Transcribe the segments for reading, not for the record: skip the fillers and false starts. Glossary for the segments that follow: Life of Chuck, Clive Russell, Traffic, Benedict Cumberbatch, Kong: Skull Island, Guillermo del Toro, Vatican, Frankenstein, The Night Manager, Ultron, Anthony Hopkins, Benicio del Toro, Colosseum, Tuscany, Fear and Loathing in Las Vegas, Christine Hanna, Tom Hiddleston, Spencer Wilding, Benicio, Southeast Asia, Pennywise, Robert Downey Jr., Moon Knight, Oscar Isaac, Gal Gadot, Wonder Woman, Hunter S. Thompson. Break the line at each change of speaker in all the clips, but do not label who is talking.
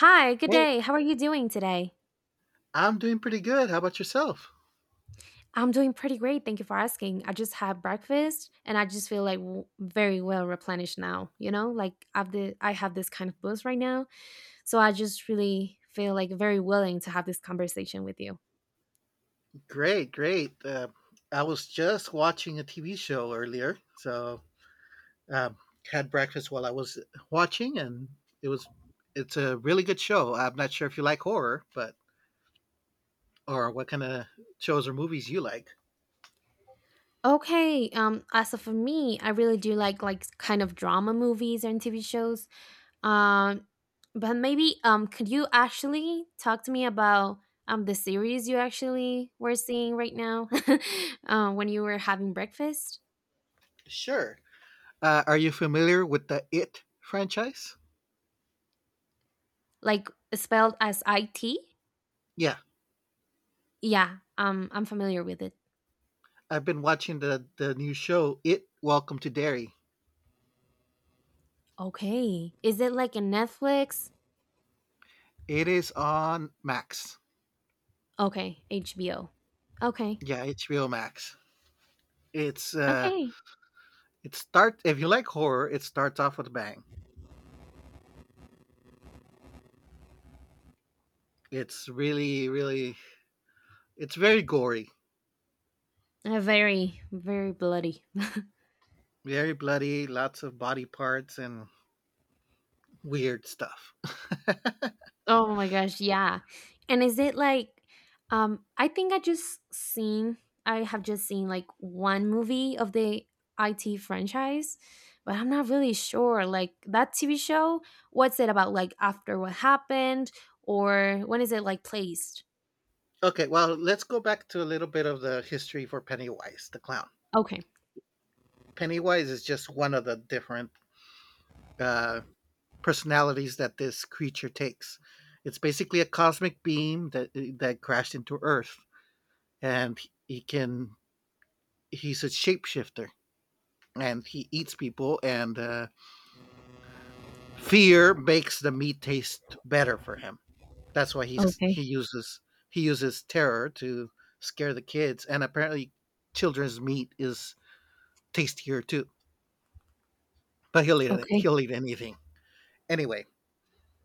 Hi, good
Hey,
day. How are you doing today?
I'm doing pretty good. How about yourself?
I'm doing pretty great. Thank you for asking. I just had breakfast and I just feel like very well replenished now, you know? Like I have this kind of boost right now, so I just really feel like very willing to have this conversation with you.
Great, great. I was just watching a TV show earlier, so um, had breakfast while I was watching, and it was it's a really good show. I'm not sure if you like horror, but or what kind of shows or movies you like.
Okay, as for me, I really do like kind of drama movies and TV shows. Um, but maybe could you actually talk to me about the series you actually were seeing right now, when you were having breakfast,
Sure. Are you familiar with the It franchise?
like spelled as I T?
Yeah,
Yeah, I'm familiar with it.
I've been watching the new show It Welcome to Derry.
Okay, is it like a Netflix?
It is on Max.
Okay, HBO. Okay,
Yeah, HBO Max. It's uh
okay,
It starts if you like horror, it starts off with a bang. It's really, really, it's very gory,
very bloody.
very bloody, lots of body parts and weird stuff.
Oh my gosh, yeah. And is it like um I think I just seen I have just seen like one movie of the IT franchise, but I'm not really sure like that TV show, what's it about, like after what happened, or when is it like placed?
Okay, well, let's go back to a little bit of the history for Pennywise the clown.
Okay.
Pennywise is just one of the different uh, personalities that this creature takes. It's basically a cosmic beam that crashed into Earth, and he can he's a shapeshifter, and he eats people and. Fear makes the meat taste better for him. That's why he
Okay.
uses he uses terror to scare the kids, and apparently, children's meat is tastier too. But he'll eat
Okay.
he'll eat anything anyway.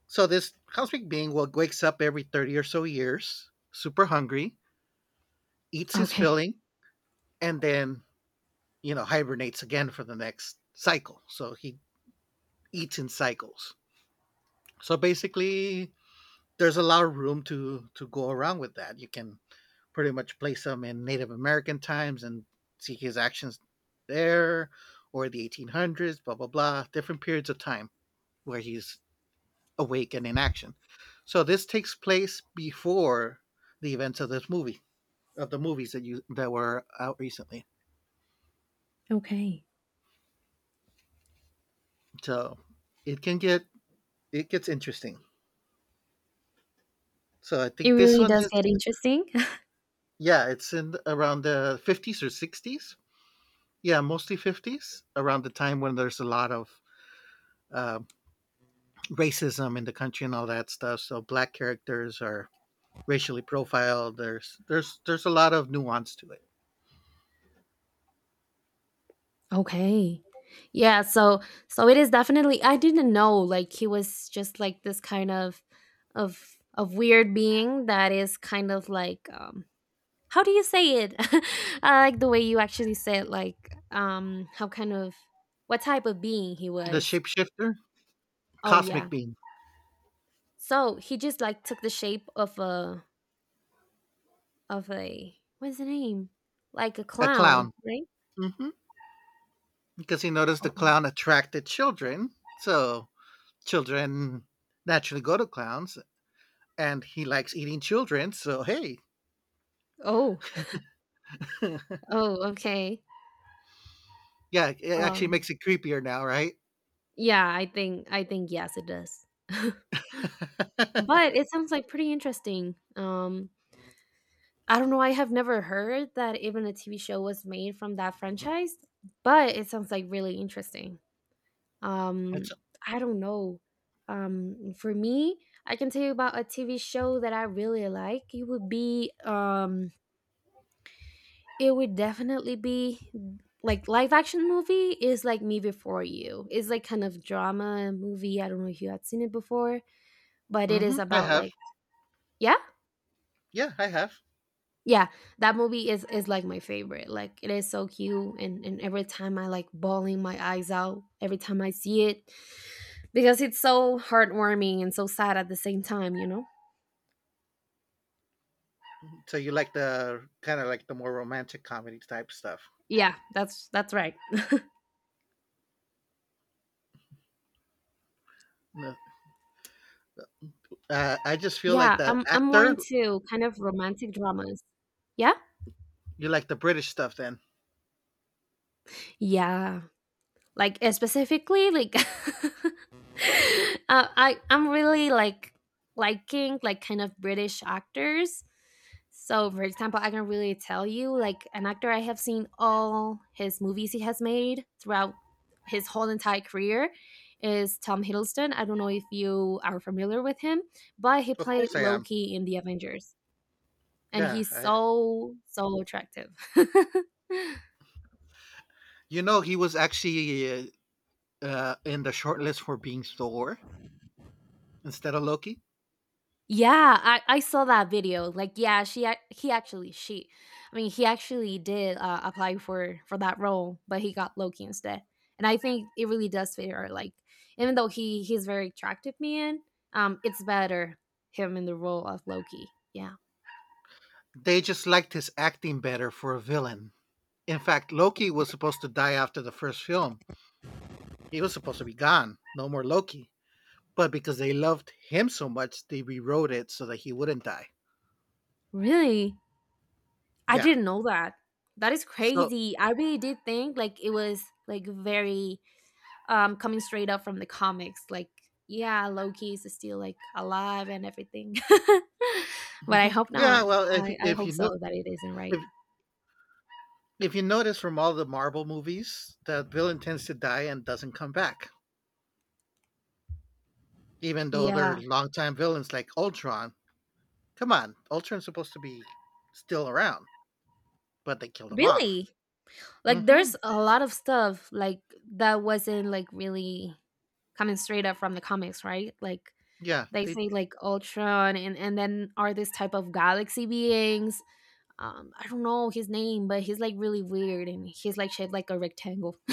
So this cosmic being will wakes up every 30 or so years, super hungry, eats his
Okay.
filling, and then you know hibernates again for the next cycle. So he eats in cycles. So basically, there's a lot of room to go around with that. You can pretty much place him in Native American times and see his actions there or the 1800s, blah, blah, blah, different periods of time where he's awake and in action. So this takes place before the events of this movie, of the movies that you that were out recently.
Okay.
So it can get it gets interesting. So I
It
think this
really
one
does
is
get interesting.
yeah, it's in around the 50s or 60s. Yeah, mostly 50s, around the time when there's a lot of uh, racism in the country and all that stuff. So black characters are racially profiled. There's a lot of nuance to it.
Okay. Yeah, so it is definitely, I didn't know like he was just like this kind of of weird being that is kind of like, um, how do you say it? I like the way you actually said, like, um, how kind of what type of being he
The
was.
shapeshifter,
Oh
cosmic
yeah.
being,
So he just like took the shape of a what's the name? Like a
a
clown,
clown,
right?
hmm because he noticed the
Okay.
clown attracted children, so children naturally go to clowns, and he likes eating children. So hey,
Oh. Oh, okay.
yeah, it actually
Um,
makes it creepier now, right?
I think yes, it does. But it sounds like pretty interesting. I don't know, I have never heard that even a TV show was made from that franchise, but it sounds like really interesting.
It's,
Um, I don't know. For me, I can tell you about a TV show that I really like. It would be, it would definitely be like, live action movie is like Me Before You. It's like kind of drama movie. I don't know if you had seen it before, but it is
hmm I
about
have,
like, yeah.
yeah, I have.
Yeah, that movie is like my favorite. Like, it is so cute, and every time I like bawling my eyes out every time I see it, because it's so heartwarming and so sad at the same time, you know.
So you like the kind of like the more romantic comedy type stuff.
Yeah, that's right.
No, I just feel like
Yeah,
that
I'm I'm more
actor.
into kind of romantic dramas. Yeah.
You like the British stuff, then?
Yeah, like, specifically like I'm really like liking like kind of British actors. So for example, I can really tell you like an actor, I have seen all his movies he has made throughout his whole entire career is Tom Hiddleston. I don't know if you are familiar with him, but he
Of
played
course, I am.
Loki in the Avengers, and
Yeah,
he's
I,
so attractive.
you know he was actually in the shortlist for being Thor instead of Loki.
Yeah, I saw that video. Like, yeah, she ac- he actually she, he actually did apply for that role, but he got Loki instead. And I think it really does fit her. Like, even though he's very attractive man, it's better him in the role of Loki. Yeah,
They just liked his acting better for a villain. In fact, Loki was supposed to die after the first film. He was supposed to be gone, no more Loki. But because they loved him so much, they rewrote it so that he wouldn't die.
really, I
Yeah.
didn't know that. That is
So,
crazy. I really did think like it was like very, um, coming straight up from the comics, like, yeah, Loki is still like alive and everything. But I
mhm.
hope
yeah.
not.
Well,
I hope so that it isn't, right?
if If you notice from all the Marvel movies, the villain tends to die and doesn't come back, even though they're
Yeah,
longtime villains like Ultron. Come on, Ultron's supposed to be still around, but they killed him off.
really, like
Hmm
there's a lot of stuff like that wasn't like really coming straight up from the comics, right? Like
Yeah,
they say like Ultron, and then are this type of galaxy beings, um, I don't know his name, but he's like really weird and he's like shaped like a rectangle.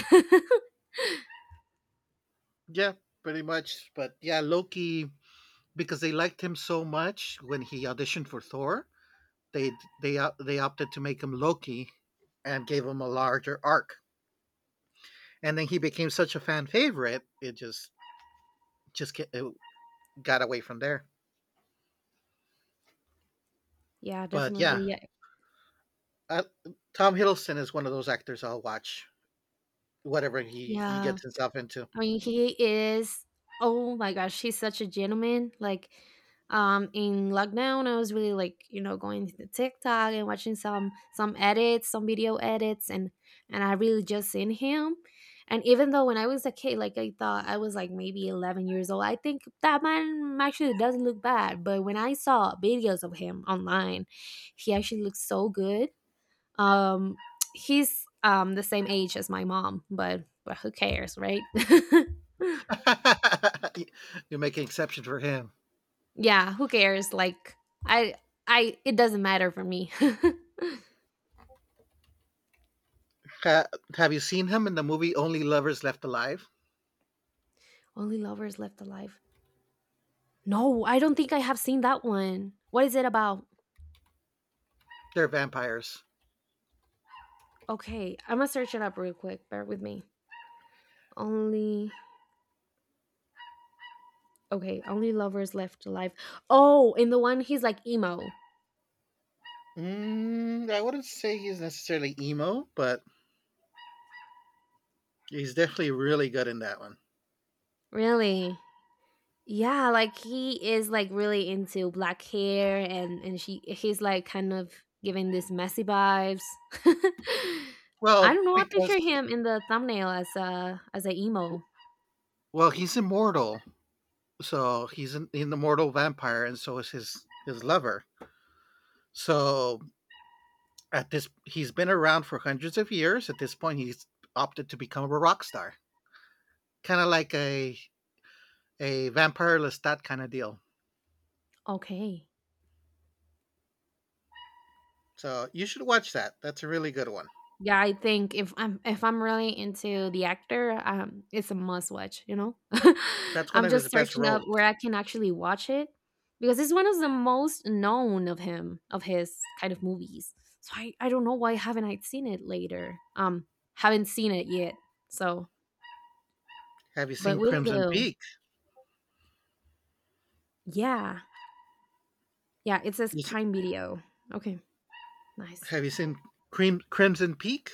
yeah, pretty much. But yeah, Loki because they liked him so much when he auditioned for Thor, they opted to make him Loki and gave him a larger arc. And then he became such a fan favorite, it just ca- it got away from there.
Yeah,
But
definitely,
yeah,
yeah.
Uh, Tom Hiddleston is one of those actors I'll watch, whatever he
Yeah.
gets himself into.
I mean, he is. Oh my gosh, he's such a gentleman. Like, in lockdown, I was really like, you know, going to TikTok and watching some edits, some video edits, and I really just seen him. And even though when I was a kid, like I thought I was like maybe 11 years old, I think that man actually doesn't look bad. But when I saw videos of him online, he actually looks so good. Um, he's the same age as my mom, but who cares, right?
You make an exception for him.
Yeah, who cares? Like, I I, it doesn't matter for me.
Ha- have you seen him in the movie Only Lovers Left Alive?
Only lovers left alive. No, I don't think I have seen that one. What is it about?
They're vampires.
Okay, I'm gonna search it up real quick. Bear with me. Only Okay, only lovers left alive. Oh, in the one he's like emo.
Mm, I wouldn't say he's necessarily emo, but he's definitely really good in that one.
Really? Yeah, like he is like really into black hair and she he's like kind of giving this messy vibes. I
Well,
don't know. I
because
picture him in the thumbnail as a emo.
he's immortal, so he's an immortal vampire, and so is his lover. So at this, he's been around for hundreds of years. At this point, he's opted to become a rock star, kind of like a vampire Lestat kind of deal.
Okay.
So you should watch that. That's a really good one.
Yeah, I think if I'm really into the actor, it's a must watch. You know?
That's one
I'm
of his
just
best
searching up
roles.
where I can actually watch it, because it's one of the most known of him, of his kind of movies. So I don't know why haven't I seen it later. Haven't seen it yet. So,
Have you
but
seen
will
Crimson
do.
Peak?
Yeah, yeah. It says
You see-
Prime Video. Okay, nice.
Have you seen Crimson Peak?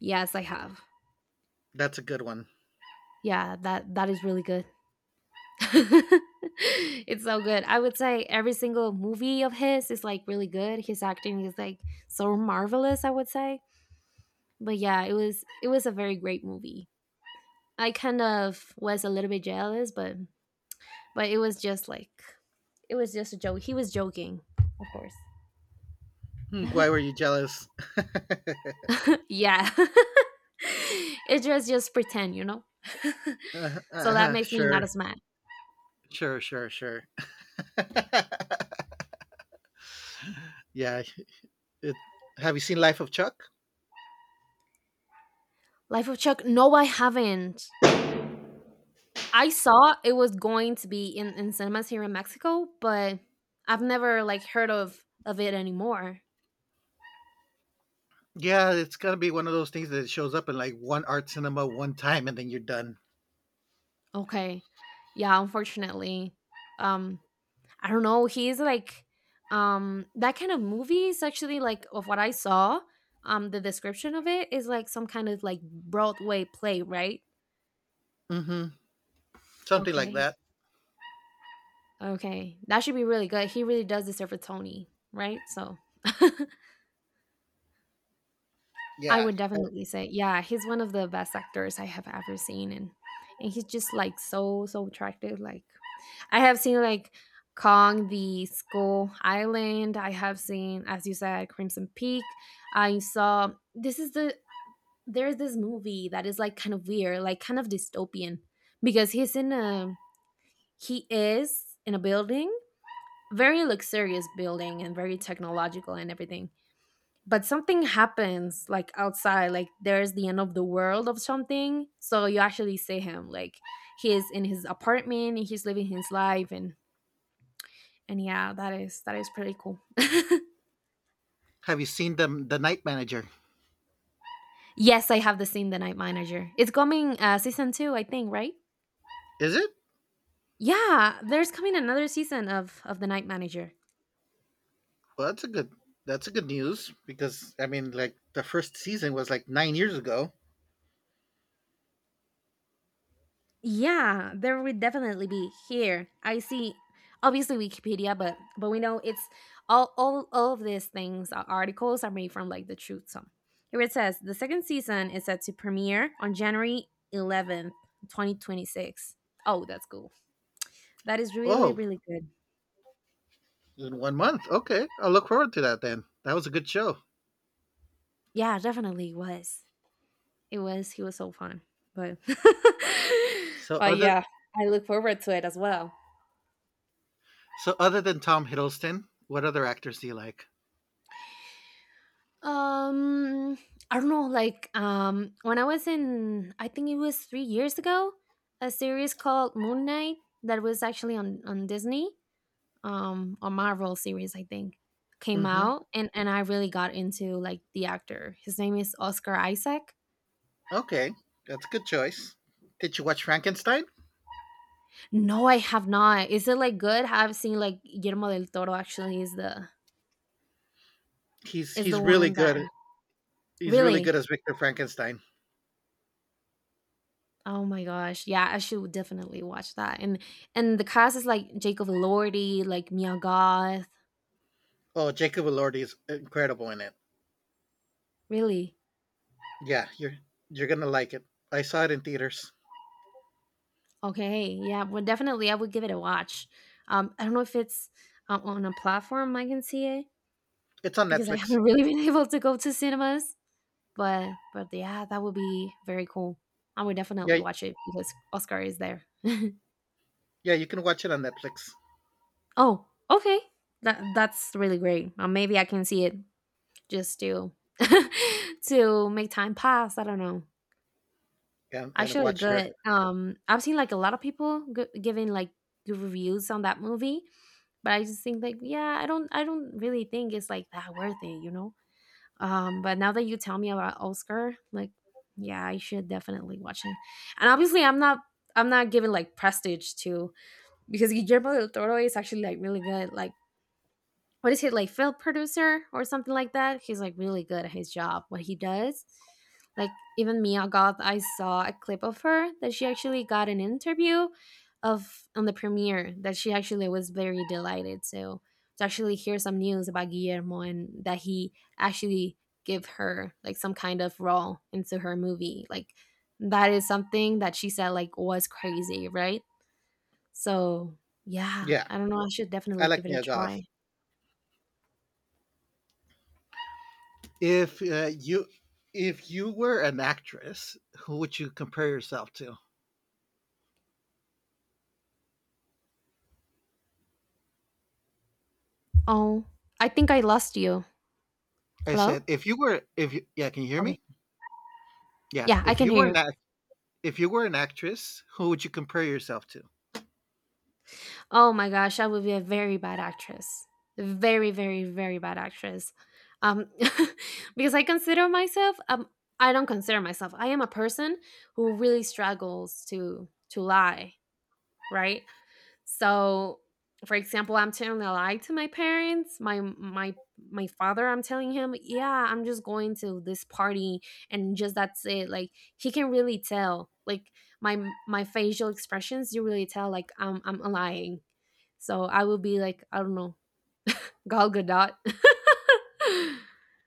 Yes, I have.
That's a good one.
Yeah, that that is really good. It's so good. I would say every single movie of his is like really good. His acting is like so marvelous, I would say. But yeah, it was a very great movie. I kind of was a little bit jealous, but it was just like, it was just a joke. He was joking, of course.
Hmm, why were you jealous?
Yeah. It just pretend, you know. So that makes me not
Sure,
as mad.
sure. Yeah. It, have you seen Life of Chuck?
Life of Chuck. No, I haven't. I saw it was going to be in cinemas here in Mexico, but I've never like heard of it anymore.
Yeah, it's gonna be one of those things that shows up in like one art cinema one time and then you're done.
Okay. Yeah, unfortunately. Um, I don't know, he's like, um, that kind of movie is actually like, of what I saw, um, the description of it is like some kind of like Broadway play, right?
Mm-hmm. Something like
Okay.
that.
Okay. That should be really good. He really does deserve a Tony, right? So I
Yeah.
would definitely say, yeah, he's one of the best actors I have ever seen, and he's just like so attractive. Like, I have seen like Kong the Skull Island. I have seen, as you said, Crimson Peak. I saw this is the There's this movie that is like kind of weird, like kind of dystopian, because he is in a building, very luxurious building and very technological and everything, but something happens like outside, like there's the end of the world of something, so you actually see him like he is in his apartment and he's living his life, and yeah, that is pretty cool.
Have you seen the Night Manager?
Yes, I have. The scene the night Manager. It's coming, uh, season two, I think, right?
Is it?
Yeah, there's coming another season of the Night Manager.
Well, that's a good. That's a good news because I mean, like the first season was like 9 years ago.
Yeah, there would definitely be here. I see obviously Wikipedia, but we know it's all of these things, articles are made from like the truth. So here it says the second season is set to premiere on January 11th, 2026. Oh, that's cool. That is really,
Oh,
really good.
in one month. Okay, I'll look forward to that then. That was a good show.
Yeah, definitely was. It was, he was so fun. But
So
but
other
yeah, I look forward to it as well.
so other than Tom Hiddleston, what other actors do you like?
Um, I don't know. Like, when I was in, I think it was 3 years ago, a series called Moon Knight that was actually on Disney, a Marvel series, I think, came
Mm-hmm.
out, and I really got into like the actor. His name is Oscar Isaac.
Okay, that's a good choice. Did you watch Frankenstein?
No, I have not. Is it like good? I've seen like Guillermo del Toro actually is the
He's he's really
one that
good. He's really good
really.
as Victor Frankenstein.
Oh my gosh. Yeah, I should definitely watch that. And the cast is like Jacob Elordi, like Mia Goth.
Oh, Jacob Elordi is incredible in it.
Really?
Yeah, you're gonna like it. I saw it in theaters.
Okay. Yeah, well definitely I would give it a watch. Um, I don't know if it's, on a platform I can see it,
It's on
because I
Netflix.
haven't really been able to go to cinemas, but yeah, that would be very cool. I would definitely
Yeah,
watch it because Oscar is there.
yeah, you can watch it on Netflix
Oh, okay. That that's really great. Maybe I can see it just to to make time pass. I don't know.
and
Actually
watch her.
good. I've seen like a lot of people giving like good reviews on that movie, but I just think like, yeah, I don't really think it's like that worth it, you know. But now that you tell me about Oscar, like, yeah, I should definitely watch it. And obviously, I'm not giving like prestige to because Guillermo del Toro is actually like really good. Like what is he, like, film producer or something like that? He's like really good at his job, what he does, like even Mia Goth, I saw a clip of her that she actually got an interview of on the premiere, that she actually was very delighted. So to actually hear some news about Guillermo and that he actually give her like some kind of role into her movie, like that is something that she said like was crazy, right? So yeah,
Yeah,
I don't know, I should
I
definitely
like
give it a
Mia Goth.
try.
If you if you were an actress, who would you compare yourself to?
Oh, I think I lost you.
I
Hello?
said, if you were, if you, yeah, can you hear
Okay.
me? Yeah,
Yeah, I
if
can
you were
hear
an
you.
act, if you were an actress, who would you compare yourself to?
Oh my gosh, I would be a very bad actress. Very, very, very bad actress. Um, because I consider myself, I am a person who really struggles to lie, right? So, for example, I'm telling a lie to my parents. My father, I'm telling him, yeah, I'm just going to this party, and just that's it. Like he can really tell. Like my my facial expressions, you really tell. Like I'm lying. So I will be like, I don't know, Gal Gadot.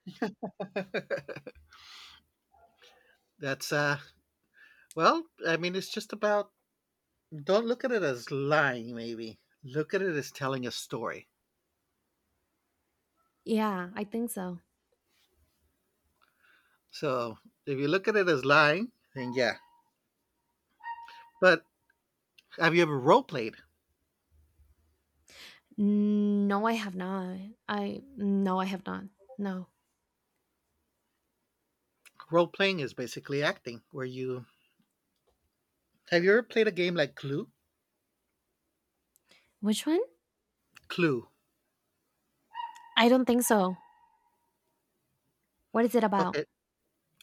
That's well, I mean, it's just about don't look at it as lying maybe look at it as telling a story
yeah, I think so.
so if you look at it as lying then yeah but have you ever role played?
No, I have not. I no, I have not. No.
Role playing is basically acting where you have you ever played a game like clue?
Which one?
Clue.
I don't think so. What is it about?
Okay,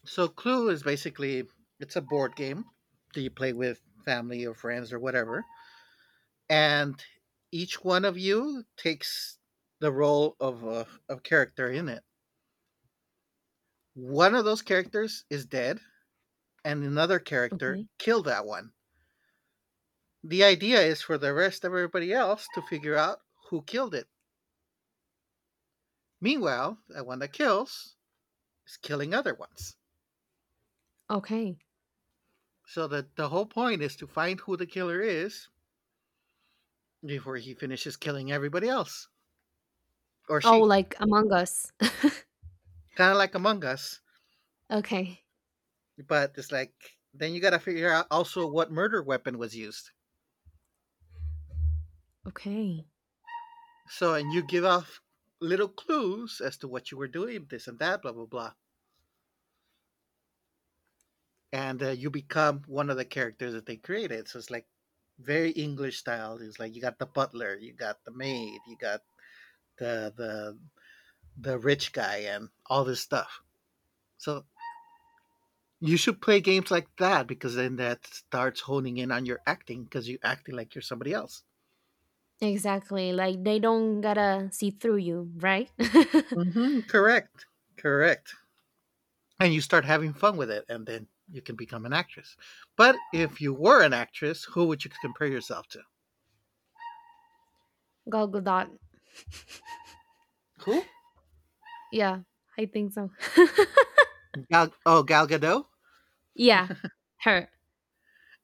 so clue is basically it's a board game that you play with family or friends or whatever and each one of you takes the role of a character in it. One of those characters is dead and another character
Okay.
kill that one. The idea is for the rest of everybody else to figure out who killed it. Meanwhile, the one that kills is killing other ones.
Okay.
So that the whole point is to find who the killer is before he finishes killing everybody else or
Oh,
she.
like Among Us.
Kind of like Among Us,
Okay.
but it's like then you got to figure out also what murder weapon was used.
Okay.
So and you give off little clues as to what you were doing, this and that, blah blah blah. And you become one of the characters that they created. So it's like very English style. It's like you got the butler, you got the maid, you got the the the rich guy, and all this stuff. So you should play games like that because then that starts honing in on your acting because you're acting like you're somebody else.
Exactly. Like they don't gotta see through you, right?
Mm-hmm, correct, correct. And you start having fun with it, and then you can become an actress. But if you were an actress, who would you compare yourself to?
Gal dot.
Who?
Yeah, I think so.
Oh, Gal Gadot.
yeah, her.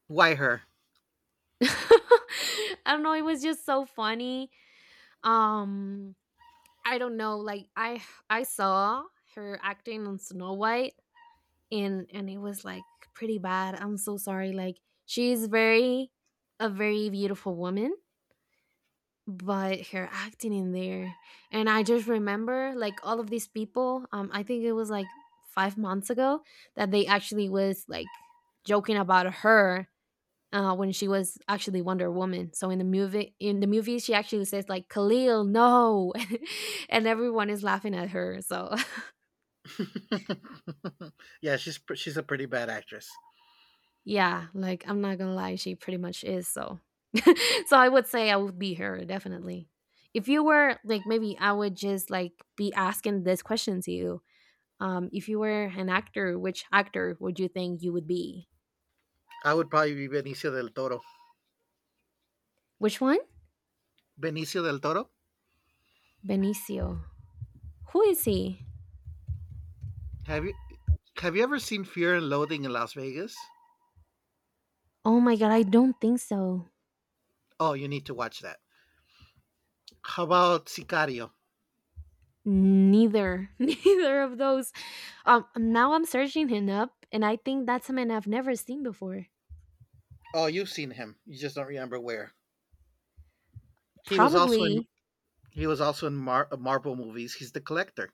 Why her?
I don't know. It was just so funny. Um, I don't know. Like, I saw her acting on Snow White, and it was like pretty bad. I'm so sorry. Like she's very a very beautiful woman, but her acting in there, and I just remember like all of these people, I think it was like 5 months ago that they actually was like joking about her. When she was actually Wonder Woman, so in the movie, she actually says like, Khalil, no. And everyone is laughing at her, so
yeah, she's a pretty bad actress.
yeah, like I'm not gonna lie, she pretty much is, so so I would say I would be her, definitely. If you were like, maybe I would just like be asking this question to you. If you were an actor, which actor would you think you would be?
I would probably be Benicio del Toro.
Which one?
Benicio del Toro.
Benicio. Who is he?
Have you have you ever seen Fear and Loathing in Las Vegas?
Oh my god, I don't think so.
Oh, you need to watch that. How about Sicario?
Neither, neither of those. Now I'm searching him up, and I think that's a man I've never seen before.
Oh, you've seen him. You just don't remember where. He was also in
Probably.
he was also in Marvel movies. He's the collector.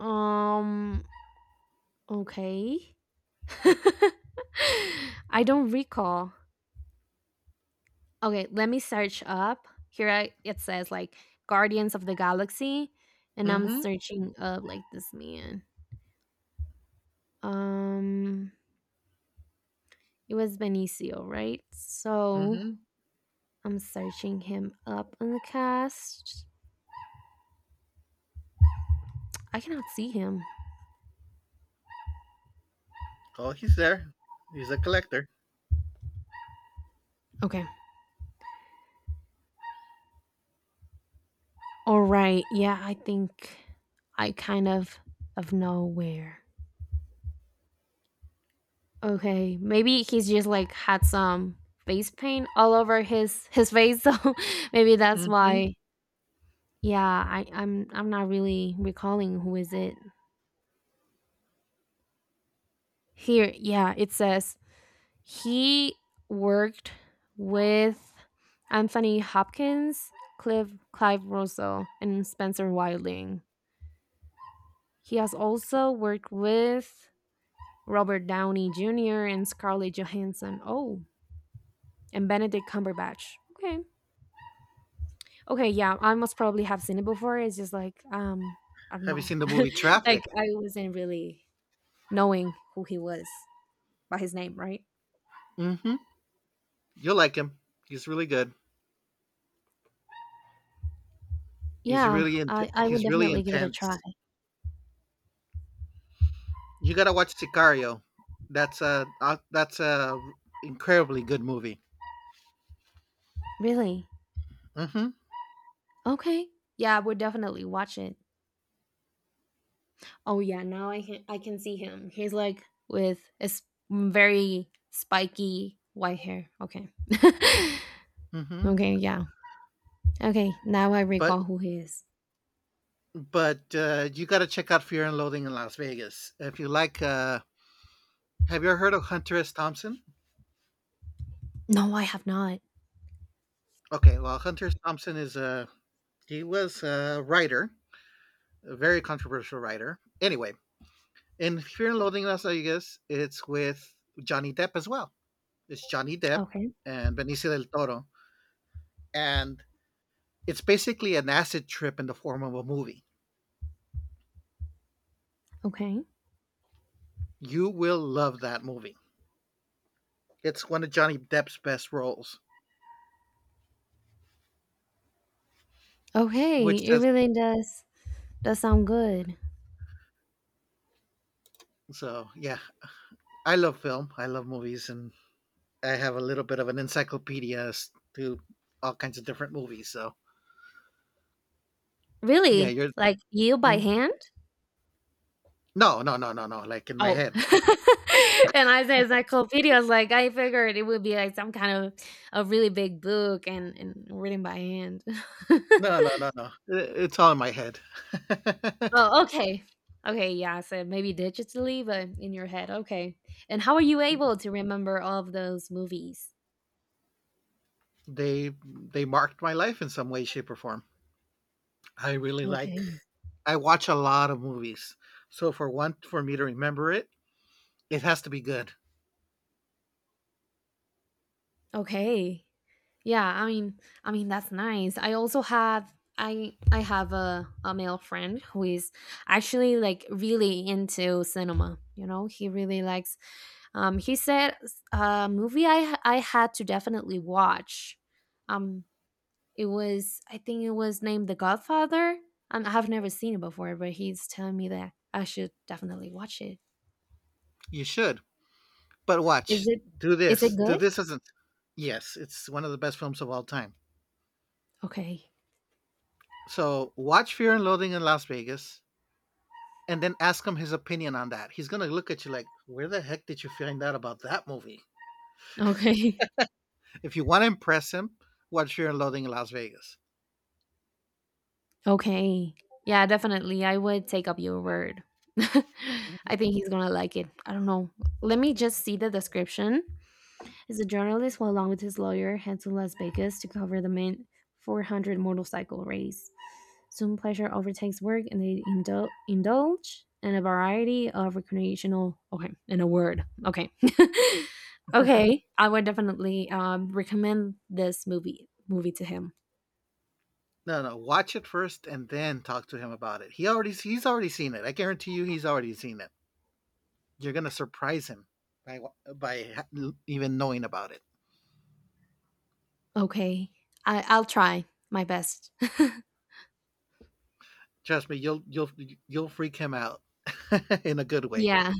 Um. Okay. I don't recall. Okay, let me search up. Here, I, it says like Guardians of the Galaxy, and I'm
Mm-hmm.
searching up like this man. Um, it was Benicio, right? So
Mm-hmm.
I'm searching him up in the cast. I cannot see him.
Oh, he's there. He's a collector.
Okay. All right. Yeah, I think I kind of nowhere. Okay, maybe he's just like had some face paint all over his face, so maybe that's
Mm-hmm.
why. Yeah, I'm not really recalling who is it. Here, yeah, it says he worked with Anthony Hopkins, Clive Russell, and Spencer Wilding. He has also worked with Robert Downey Jr. and Scarlett Johansson. Oh, and Benedict Cumberbatch. Okay. Okay, yeah, I must probably have seen it before. It's just like, I don't
Have you
know.
seen the movie
Like,
Traffic?
I wasn't really knowing who he was by his name, right?
Mm-hmm. You'll like him. He's really good.
Yeah, I would
He's really
definitely give it a try.
intense. You gotta watch Sicario. That's a incredibly good movie.
Really?
Hmm
Okay. Yeah, we'll definitely watch it. Oh yeah, now I can see him. He's like with it's very spiky white hair. Okay.
hmm
okay, yeah. Okay, now I
But
recall who he is.
you gotta check out Fear and Loathing in Las Vegas if you like. Have you ever heard of Hunter S. Thompson?
No, I have not.
Okay, well Hunter S. Thompson is a he was a writer, a very controversial writer. Anyway, in Fear and Loathing in Las Vegas, it's with Johnny Depp as well. It's Johnny Depp
Okay.
and Benicio del Toro and it's basically an acid trip in the form of a movie.
Okay.
You will love that movie. It's one of Johnny Depp's best roles,
Okay,
which
it
says
really does sound good.
so. Yeah, I love film. I love movies, and I have a little bit of an encyclopedia as to all kinds of different movies. So yeah,
Really?
you're
Like you by
Mm.
hand?
No. Like in my
Oh.
head.
And I say encyclopedias, like I figured it would be like some kind of a really big book and, written by hand.
No, no, no, no. I- It's all in my head.
oh, okay. Okay, yeah, I said maybe digitally, but in your head. Okay. And how are you able to remember all of those movies?
They marked my life in some way, shape, or form. I really like.
Okay.
I watch a lot of movies, so for one, for me to remember it, it has to be good.
Okay. Yeah, I mean, that's nice. I also have I have a male friend who is actually like really into cinema. You know, he really likes. He said a movie I had to definitely watch. Um, it was, I think it was named The Godfather. And I have never seen it before, but he's telling me that I should definitely watch it.
You should. But
Is
watch.
it
Do
is
this.
it
Do
good?
this isn't. Yes, it's one of the best films of all time.
Okay,
So watch Fear and Loathing in Las Vegas and then ask him his opinion on that. He's going to look at you like, where the heck did you find out about that movie?
okay.
If you want to impress him, watch Fear and Loathing in Las Vegas.
Okay. Yeah, definitely. I would take up your word. I
Mhm.
think he's gonna like it. I don't know. Let me just see the description. As a journalist, while along with his lawyer, head to Las Vegas to cover the main 400 motorcycle race. Soon, pleasure overtakes work, and they indulge in a variety of recreational. Okay, in a word. Okay, okay. I would definitely recommend this movie to him.
No, no, watch it first and then talk to him about it. He's already seen it. I guarantee you he's already seen it. You're going to surprise him by by even knowing about it.
Okay, I'll try my best.
Trust me, you'll freak him out in a good way.
Yeah.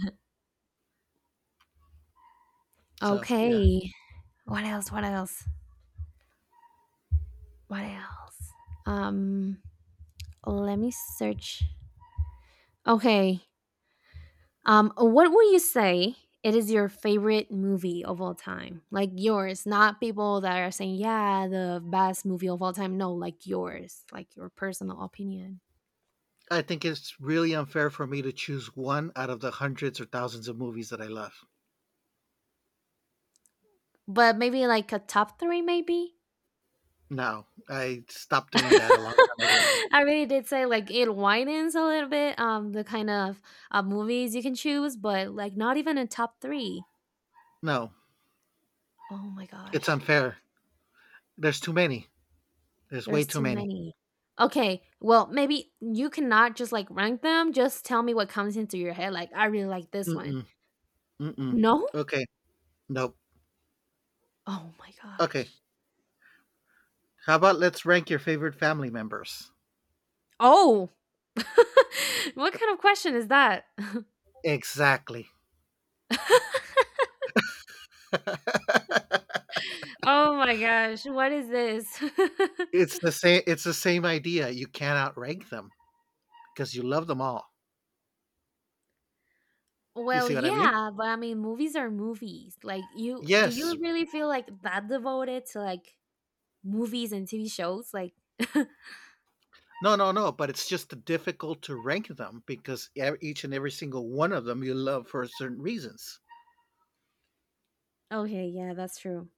So yeah,
Okay. What else? What else? What else? Um, let me search. Okay. What would you say it is your favorite movie of all time? Like yours, not people that are saying, yeah, the best movie of all time. No, like yours, like your personal opinion.
I think it's really unfair for me to choose one out of the hundreds or thousands of movies that I love.
But maybe like a top three, maybe?
No, I stopped doing that a long time ago.
I really did say like it widens a little bit, the kind of movies you can choose, but like not even a top three.
No,
Oh my gosh.
it's unfair. There's too many. There's way
There's
too
too
many.
many. Okay, well, maybe you cannot just, like, rank them, just tell me what comes into your head, like, "I really like this one."
Mm-mm, mm-mm.
No?
Okay, nope.
Oh my
Okay,
gosh.
how about let's rank your favorite family members?
Oh! What kind of question is that?
Exactly.
Oh my gosh, what is this?
It's the same. It's the same idea. You cannot rank them because you love them all. You
Well,
see what I mean?
yeah, but I mean, movies are movies. Like,
Yes.
you really feel, like, that devoted to, like, movies and TV shows? Like
No, no, no, but it's just difficult to rank them because ev each and every single one of them you love for certain reasons.
okay, yeah, that's true.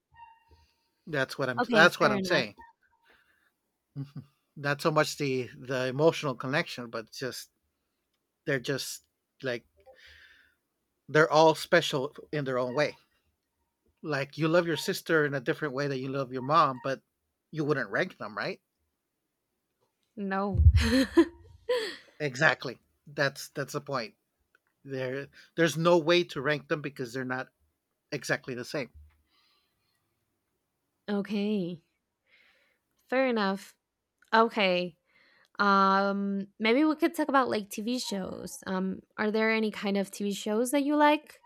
Okay,
That's what
fair
I'm
enough.
saying. Mhm. Not so much the emotional connection, but just they're just like they're all special in their own way. Like you love your sister in a different way that you love your mom, but you wouldn't rank them, right?
No.
Exactly. That's the point. There there's no way to rank them because they're not exactly the same.
okay. Fair enough. Okay. Maybe we could talk about like TV shows. Are there any kind of TV shows that you like?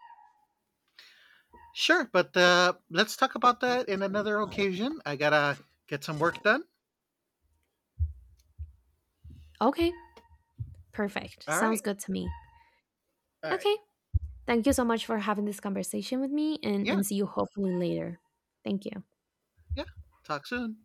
Sure, but let's talk about that in another occasion. I gotta get some work done.
Okay. Perfect.
All
Sounds
right.
good to me.
All right.
Okay. Thank you so much for having this conversation with me, and
Yeah.
see you hopefully later. Thank you.
Yeah. Talk soon.